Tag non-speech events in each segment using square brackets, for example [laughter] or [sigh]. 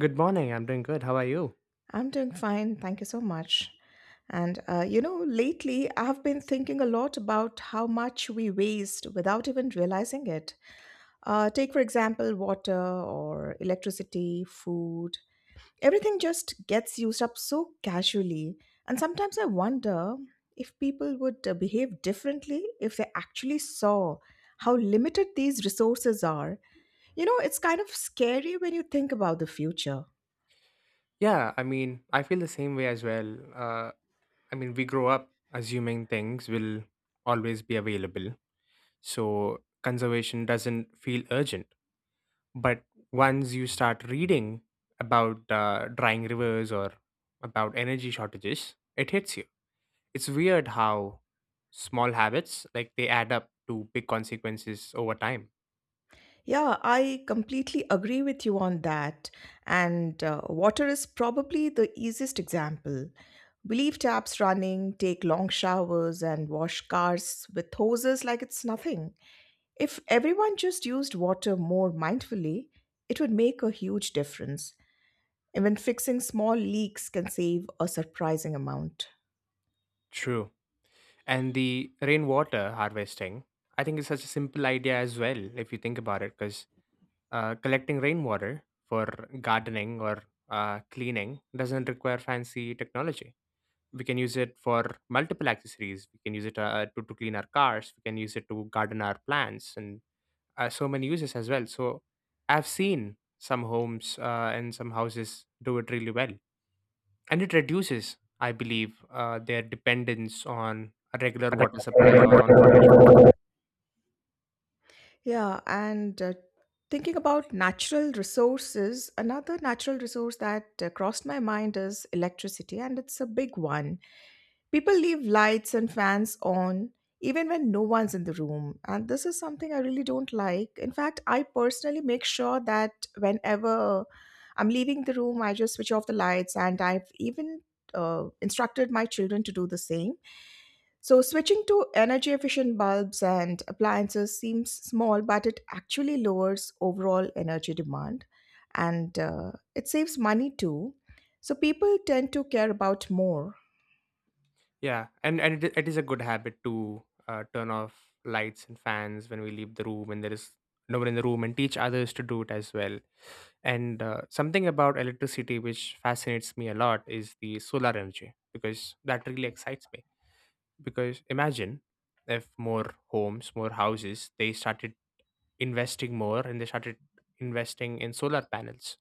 Good morning. I'm doing good. How are you? Yeah, I mean, I feel the same way as well. Uh, I mean, we grow up assuming things will always be available. So conservation doesn't feel urgent. But once you start reading about drying rivers or about energy shortages, it hits you. It's weird how small habits, like they add up to big consequences over time. True. And the rainwater harvesting I think is such a simple idea as well if you think about it because collecting rainwater for gardening or cleaning doesn't require fancy technology. We can use it for multiple accessories, we can use it to clean our cars, we can use it to garden our plants, and so many uses as well. So I've seen some homes and some houses do it really well, and it reduces, I believe, their dependence on a regular water supply or on fresh water supply. Yeah, and it is a good habit to turn off lights and fans when we leave the room and there is no one in the room, and teach others to do it as well. And something about electricity which fascinates me a lot is the solar energy because that really excites me. Because imagine if more homes, more houses, they started investing more and they started investing in solar panels,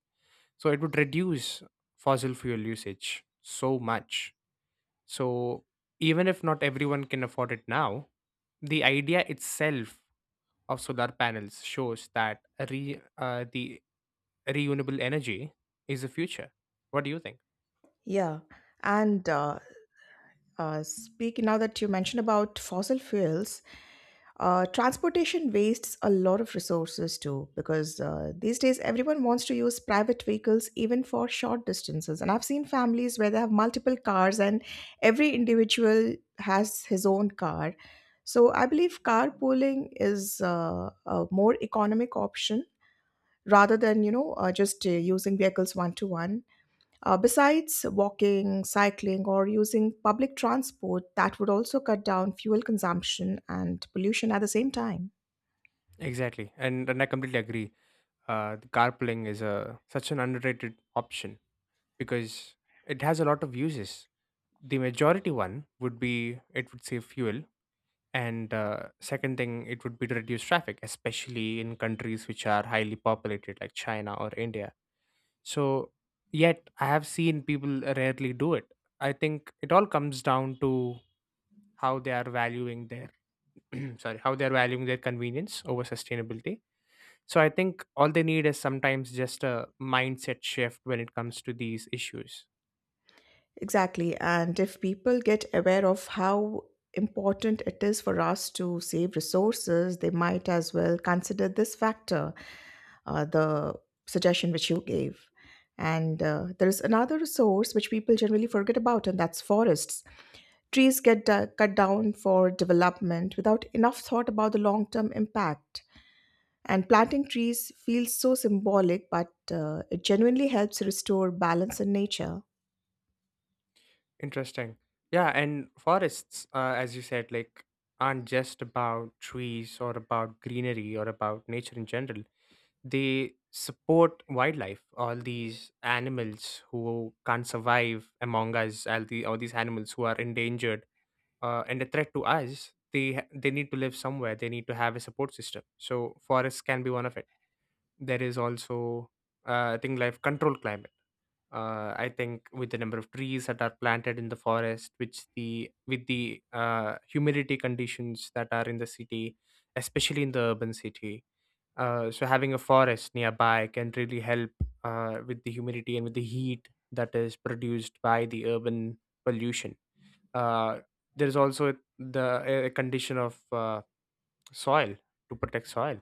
so it would reduce fossil fuel usage so much. So even if not everyone can afford it now, the idea itself of solar panels shows that the renewable energy is the future. What do you think? Exactly, and I completely agree. The carpooling is a such an underrated option because it has a lot of uses. The majority one would be it would save fuel, and second thing it would be to reduce traffic especially in countries which are highly populated like China or India. So yet I have seen people rarely do it. I think it all comes down to how they are valuing their [clears throat] sorry, how they are valuing their convenience over sustainability. So I think all they need is sometimes just a mindset shift when it comes to these issues. Interesting. Yeah, and forests, as you said, like aren't just about trees or about greenery or about nature in general. They support wildlife, all these animals who can't survive among us, all these animals who are endangered and a threat to us. They need to live somewhere. They need to have a support system. So forests can be one of it. There is also thing like control climate. I think with the number of trees that are planted in the forest, which the with the humidity conditions that are in the city, especially in the urban city. So having a forest nearby can really help with the humidity and with the heat that is produced by the urban pollution. Uh, there is also the a condition of soil, to protect soil,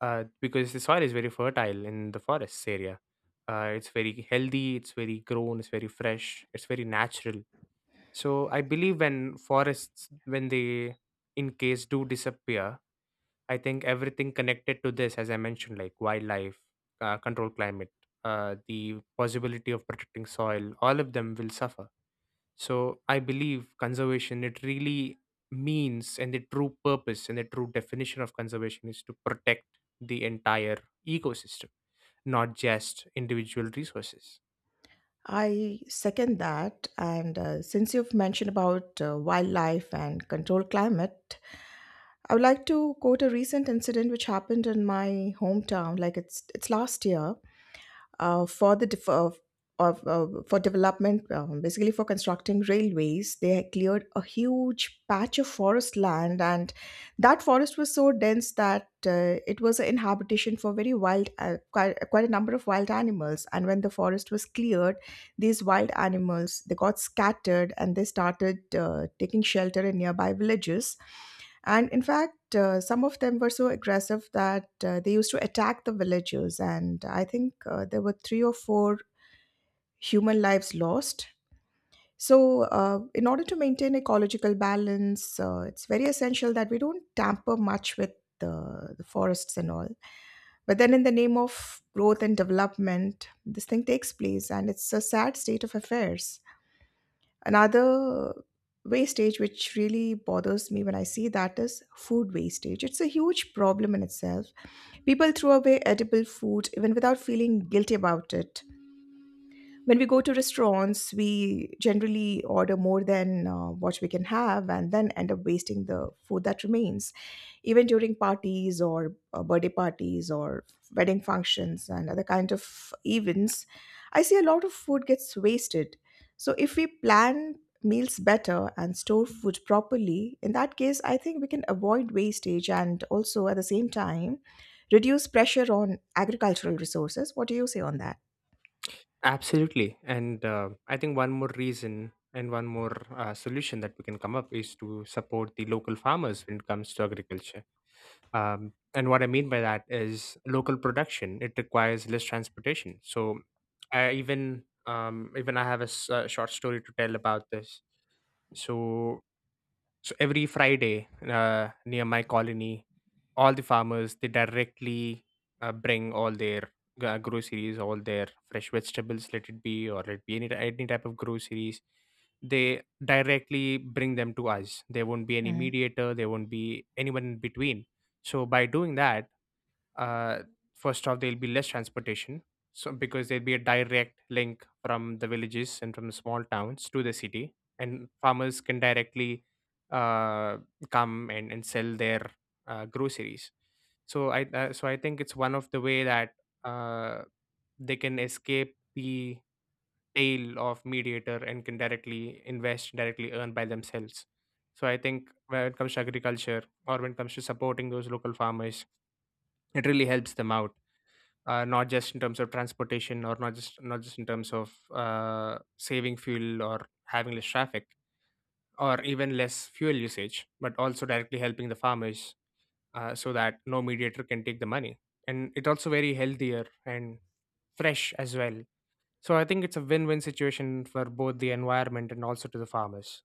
because the soil is very fertile in the forests area. It's very healthy, it's very grown, it's very fresh, it's very natural. So I believe when forests, when they in case do disappear, I think everything connected to this, as I mentioned, like wildlife, control climate, the possibility of protecting soil, all of them will suffer. So I believe conservation, it really means, and the true purpose and the true definition of conservation is to protect the entire ecosystem, not just individual resources. Absolutely. And I think one more reason and one more solution that we can come up is to support the local farmers when it comes to agriculture. And what I mean by that is local production. It requires less transportation. So I even even I have a, short story to tell about this. So so every Friday, near my colony, all the farmers they directly bring all their groceries, all their fresh vegetables, let it be or let it be any type of groceries. They directly bring them to us. There won't be any mediator. There won't be anyone in between. So by doing that, uh, first off there'll be less transportation, so because there'll be a direct link from the villages and from the small towns to the city and farmers can directly uh, come and sell their groceries. So I think it's one of the way that uh, they can escape the tail of mediator and can directly invest, directly earn by themselves. So I think when it comes to agriculture or when it comes to supporting those local farmers, it really helps them out, not just in terms of transportation or not just in terms of saving fuel or having less traffic or even less fuel usage, but also directly helping the farmers, so that no mediator can take the money. And it also very healthier and fresh as well. So I think it's a win-win situation for both the environment and also to the farmers.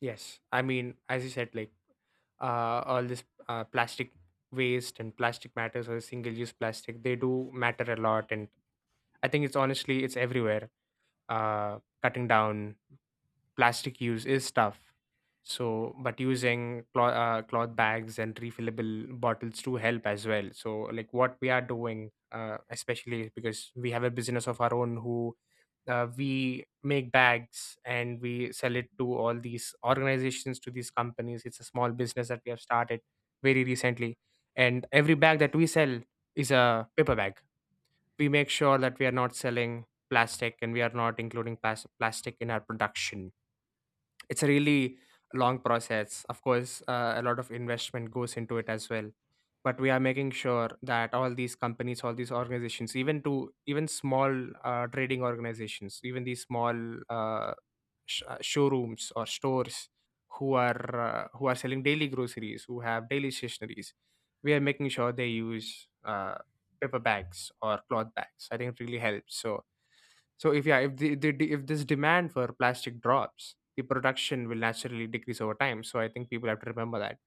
Yes, I mean as you said, like all this plastic waste and plastic matters or single-use plastic, they do matter a lot. And I think it's, honestly, it's everywhere. Cutting down plastic use is tough. So, but using cloth, cloth bags and refillable bottles to help as well. So, like what we are doing, especially because we have a business of our own who we make bags and we sell it to all these organizations, to these companies. It's a small business that we have started very recently. And every bag that we sell is a paper bag. We make sure that we are not selling plastic and we are not including plastic in our production. It's a really long process, of course. A lot of investment goes into it as well, but we are making sure that all these companies, all these organizations, even to even small trading organizations, even these small uh, showrooms or stores who are selling daily groceries, who have daily stationaries, we are making sure they use paper bags or cloth bags. I think it really helps. So so if, yeah, if if this demand for plastic drops, the production will naturally decrease over time. So I think people have to remember that.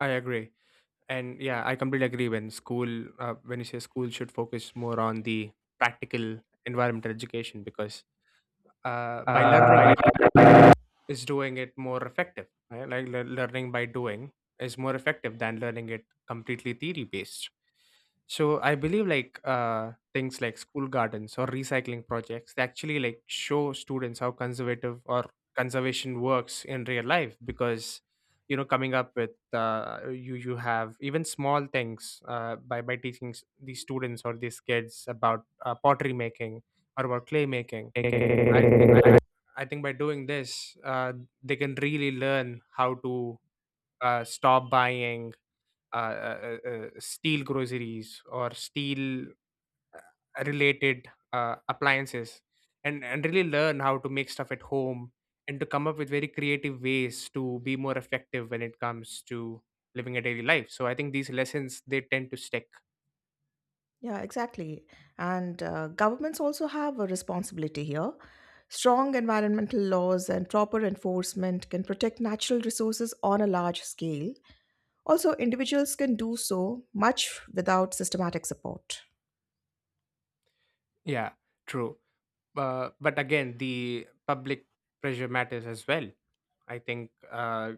I agree, and yeah, I completely agree. When school, when you say school should focus more on the practical environmental education, because by learning Uh, it, is doing it more effective, right? Like learning by doing is more effective than learning it completely theory based. So I believe like things like school gardens or recycling projects, they actually like show students how conservative or conservation works in real life. Because you know, coming up with you have even small things by teaching these students or these kids about pottery making or about clay making, i I think I think by doing this, they can really learn how to stop buying uh, uh, steel groceries or steel related appliances, and really learn how to make stuff at home and to come up with very creative ways to be more effective when it comes to living a daily life. So I think these lessons they tend to stick. Yeah, true. But again, the public pressure matters as well. I think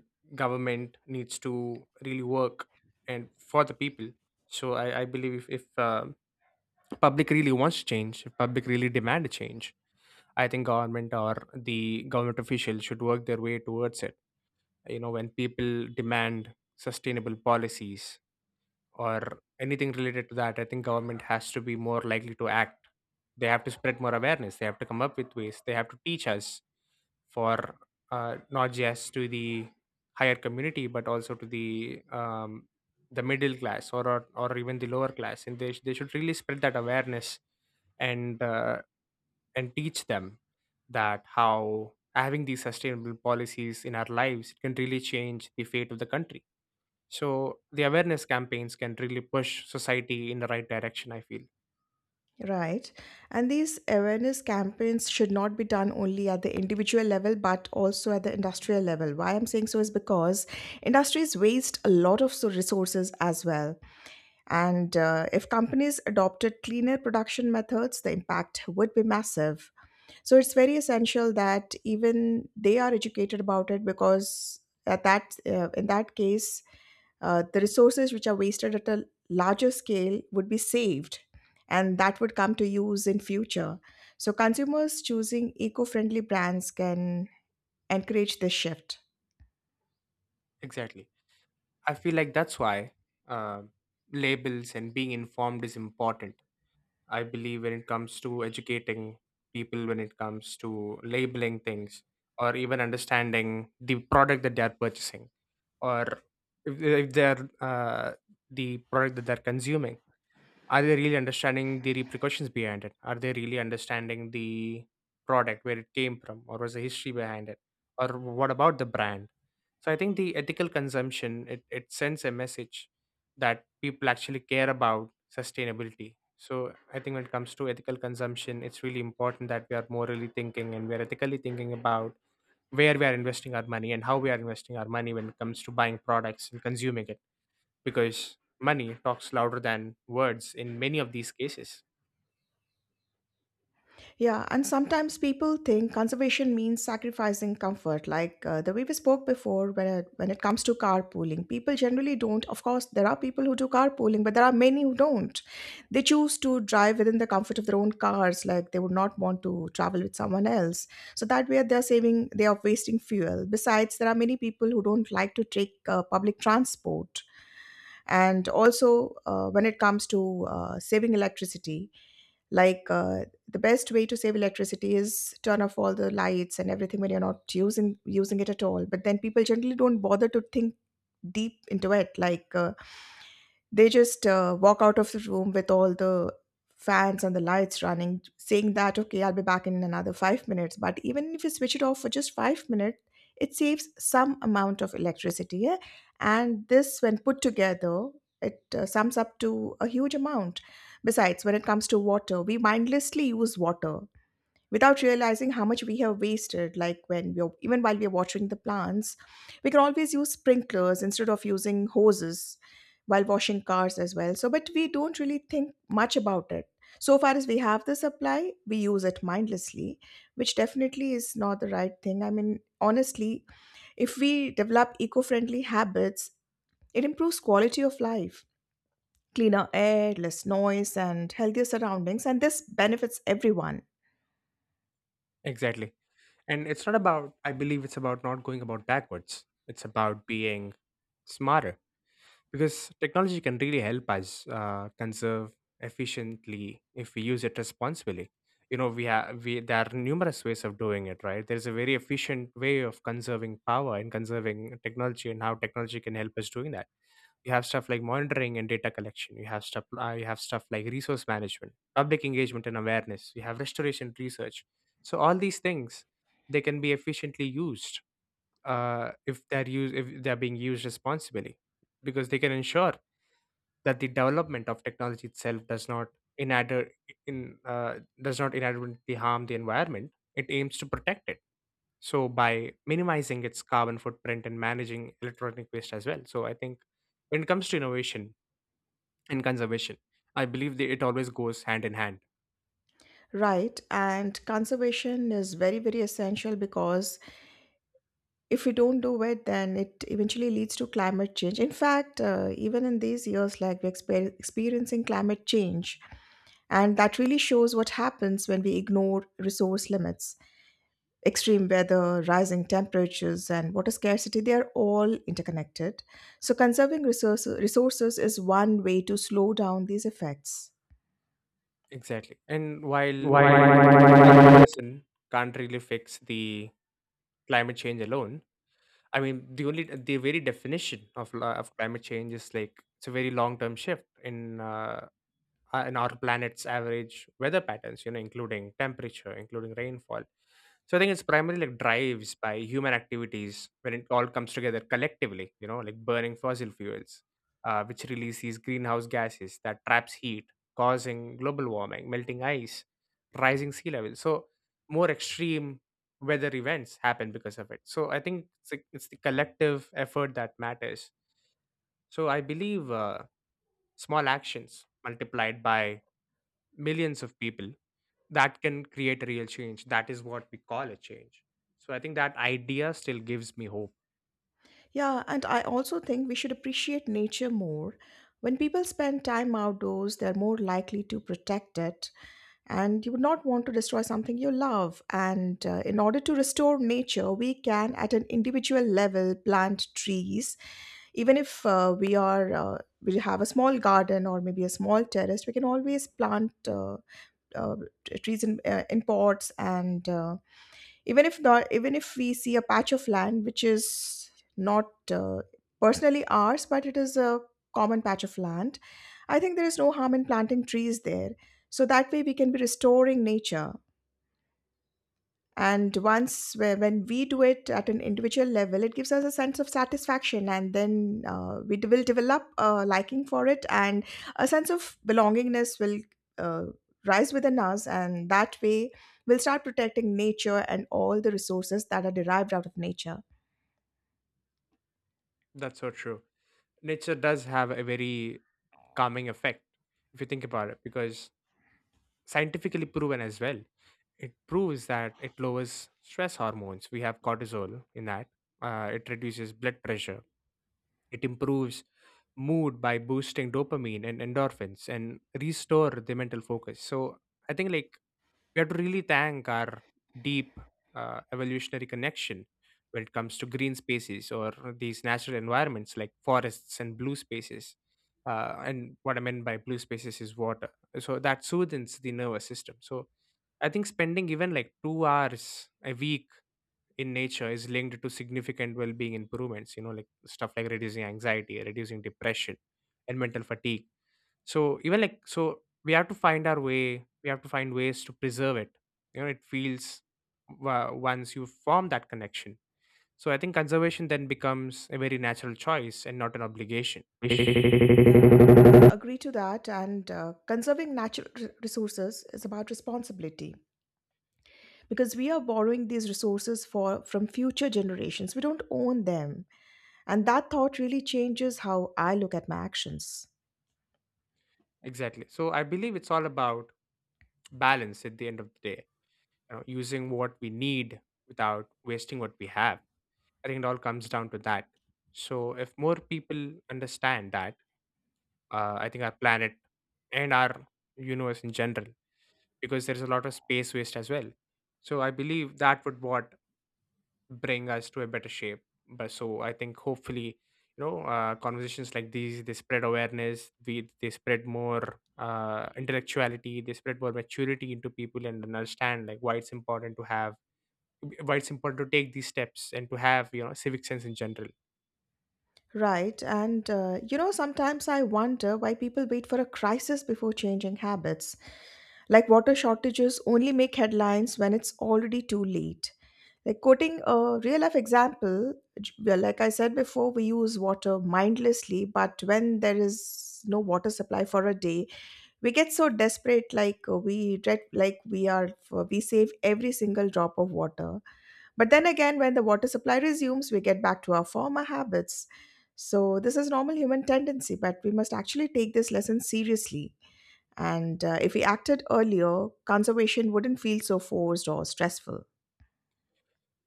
government needs to really work and for the people. I believe if, public really wants change, if public really demand a change, I think government or the government officials should work their way towards it. You know, when people demand sustainable policies or anything related to that, I think government has to be more likely to act. They have to spread more awareness, they have to come up with ways, they have to teach us, for not just to the higher community but also to the middle class or, or even the lower class, and they should really spread that awareness, and uh, and teach them that how having these sustainable policies in our lives, it can really change the fate of the country. So the awareness campaigns can really push society in the right direction, I feel. Exactly. I feel like that's why, uh, labels and being informed is important. I believe when it comes to educating people, when it comes to labeling things, or even understanding the product that they are purchasing, or if they're the product that they're consuming, are they really understanding the repercussions behind it? Are they really understanding the product, where it came from, or was the history behind it, or what about the brand? So I think the ethical consumption it sends a message that people actually care about sustainability. So I think when it comes to ethical consumption, it's really important that we are morally thinking and we are ethically thinking about where we are investing our money and how we are investing our money when it comes to buying products and consuming it, because money talks louder than words in many of these cases. Exactly. And it's not about, I believe it's about not going about backwards. It's about being smarter, because technology can really help us conserve efficiently if we use it responsibly. You know, there are numerous ways of doing it, right? There's a very efficient way of conserving power and conserving technology and how technology can help us doing that. You have stuff like monitoring and data collection, you have stuff like resource management, public engagement and awareness, you have restoration research. So all these things, they can be efficiently used if they're being used responsibly, because they can ensure that the development of technology itself does not inadver- in does not inadvertently harm the environment it aims to protect it. So by minimizing its carbon footprint and managing electronic waste as well. So I think when it comes to innovation and conservation, I believe that it always goes hand in hand. Exactly. And while why one why person can't really fix the climate change alone, I mean, the only the very definition of of climate change is, like, it's a very long term shift in and our planet's average weather patterns, you know, including temperature, including rainfall. So I think it's primarily like drives by human activities when it all comes together collectively, you know, like burning fossil fuels, which release these greenhouse gases that traps heat, causing global warming, melting ice, rising sea levels. So more extreme weather events happen because of it. So I think it's, like, it's the collective effort that matters. So I believe small actions multiplied by millions of people that can create a real change. That is what we call a change. So I think that idea still gives me hope. That's so true. Nature does have a very calming effect, if you think about it, because scientifically proven as well. It proves that it lowers stress hormones, we have cortisol in that, it reduces blood pressure, it improves mood by boosting dopamine and endorphins and restore the mental focus. So I think, like, we have to really thank our deep evolutionary connection when it comes to green spaces or these natural environments like forests and blue spaces. And what I meant by blue spaces is water. So that soothes the nervous system. So I think spending even like 2 hours a week in nature is linked to significant well-being improvements, you know, like stuff like reducing anxiety, reducing depression and mental fatigue. So even like, so we have to find our way, we have to find ways to preserve it. You know, it feels, once you form that connection, so I think conservation then becomes a very natural choice and not an obligation. why Exactly. So I believe it's all about balance at the end of the day, you know, using what we need without wasting what we have. I think it all comes down to that. So if more people understand that, I think our planet and our universe in general, because there's a lot of space waste as well. So I believe that would what bring us to a better shape. But so I think hopefully, conversations like these, they spread awareness, we they spread more intellectuality, they spread more maturity into people and understand like why it's important to have, why it's important to take these steps and to have, you know, civic sense in general.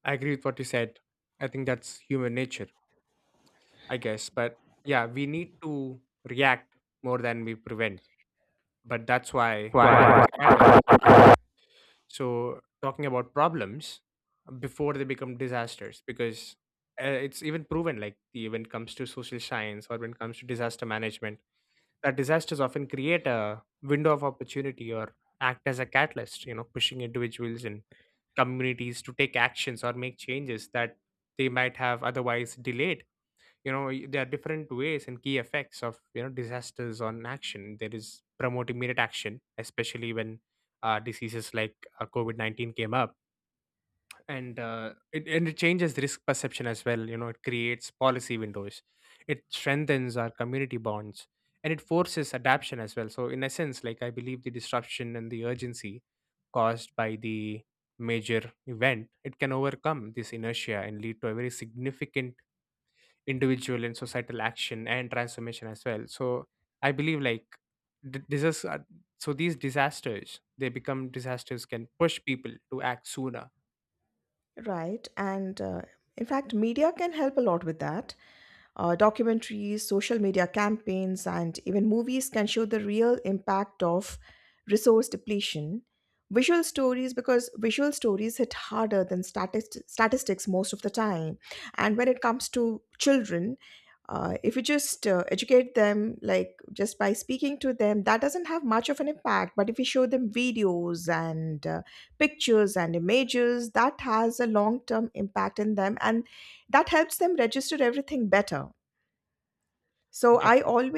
I agree with what you said. I think that's human nature, I guess. But yeah, we need to react more than we prevent. But that's why awareness why matters. So, talking about problems before they become disasters, because it's even proven, like when it comes to social science or when it comes to disaster management, that disasters often create a window of opportunity or act as a catalyst, you know, pushing individuals and communities to take actions or make changes that they might have otherwise delayed. You know, there are different ways and key effects of, you know, disasters on action. There is promote immediate action, especially when diseases like covid-19 came up, and it changes risk perception as well, you know, it creates policy windows, it strengthens our community bonds, and it forces adaptation as well. So in essence, like, I believe the disruption and the urgency caused by the major event, it can overcome this inertia and lead to a very significant individual and societal action and transformation as well. So I believe like d- disas- uh, so these disasters, they become disasters, can push people to act sooner. Definitely,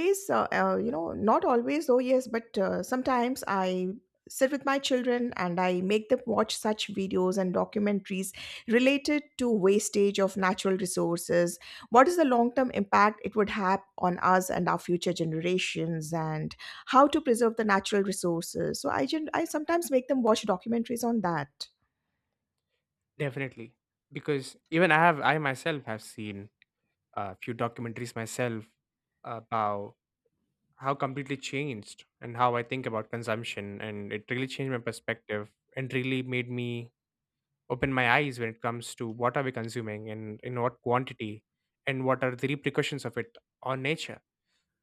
definitely, because even I myself have seen a few documentaries myself about how completely changed and how I think about consumption. And it really changed my perspective and really made me open my eyes when it comes to what are we consuming and in what quantity and what are the repercussions of it on nature,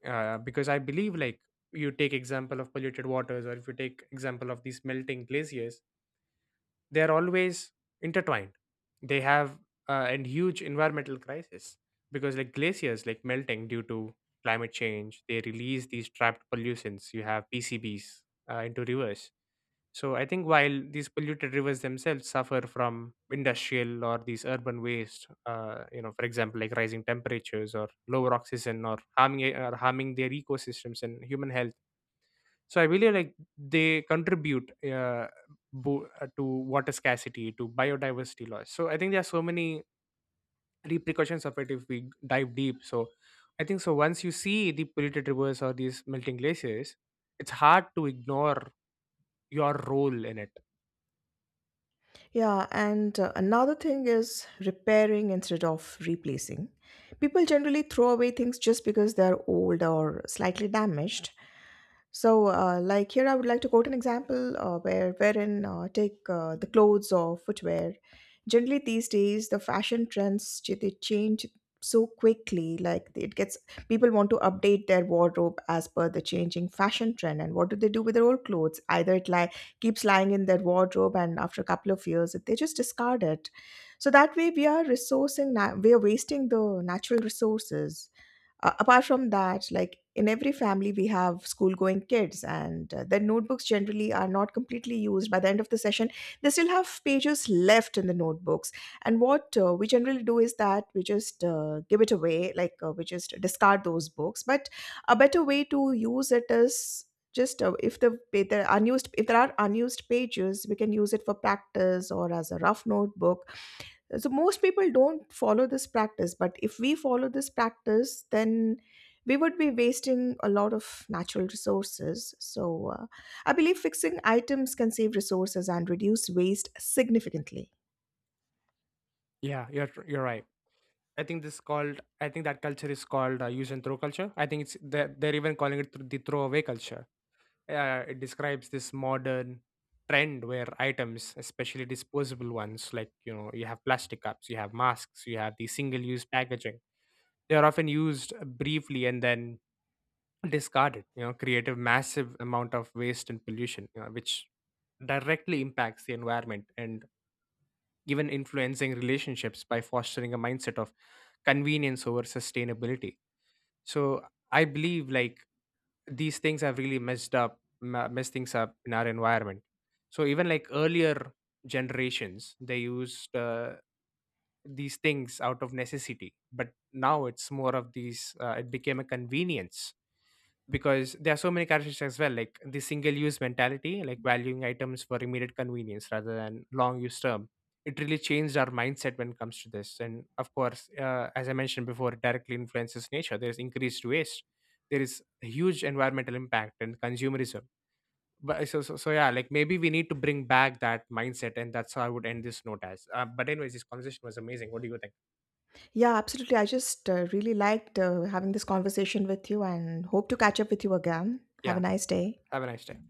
because I believe, like, you take example of polluted waters or if you take example of these melting glaciers, they are always intertwined. They have a huge environmental crisis, because like glaciers like melting due to climate change, they release these trapped pollutants, you have PCBs into rivers. So I think while these polluted rivers themselves suffer from industrial or these urban waste, you know, for example, like rising temperatures or lower oxygen or or harming their ecosystems and human health. So I believe like they contribute to water scarcity, to biodiversity loss. So I think there are so many repercussions of it if we dive deep. So I think so, once you see the polluted rivers or these melting glaciers, it's hard to ignore your role in it. Yeah, you're right. I think this called. I think that culture is called use and throw culture. I think it's they're even calling it the throwaway culture. It describes this modern trend where items, especially disposable ones, like, you know, you have plastic cups, you have masks, you have the single-use packaging. They are often used briefly and then discarded. You know, create a massive amount of waste and pollution, you know, which directly impacts the environment and even influencing relationships by fostering a mindset of convenience over sustainability. So I believe like these things have really messed up, messed things up in our environment. So even like earlier generations, they used these things out of necessity, but now it's more of these. It became a convenience, because there are so many characteristics as well, like the single use mentality, like valuing items for immediate convenience rather than long use term. It really changed our mindset when it comes to this. And of course, as I mentioned before, it directly influences nature. There is increased waste, there is a huge environmental impact and consumerism. But so yeah, like maybe we need to bring back that mindset, and that's how I would end this note as but anyways, this conversation was amazing. What do you think? Yeah. Have a nice day.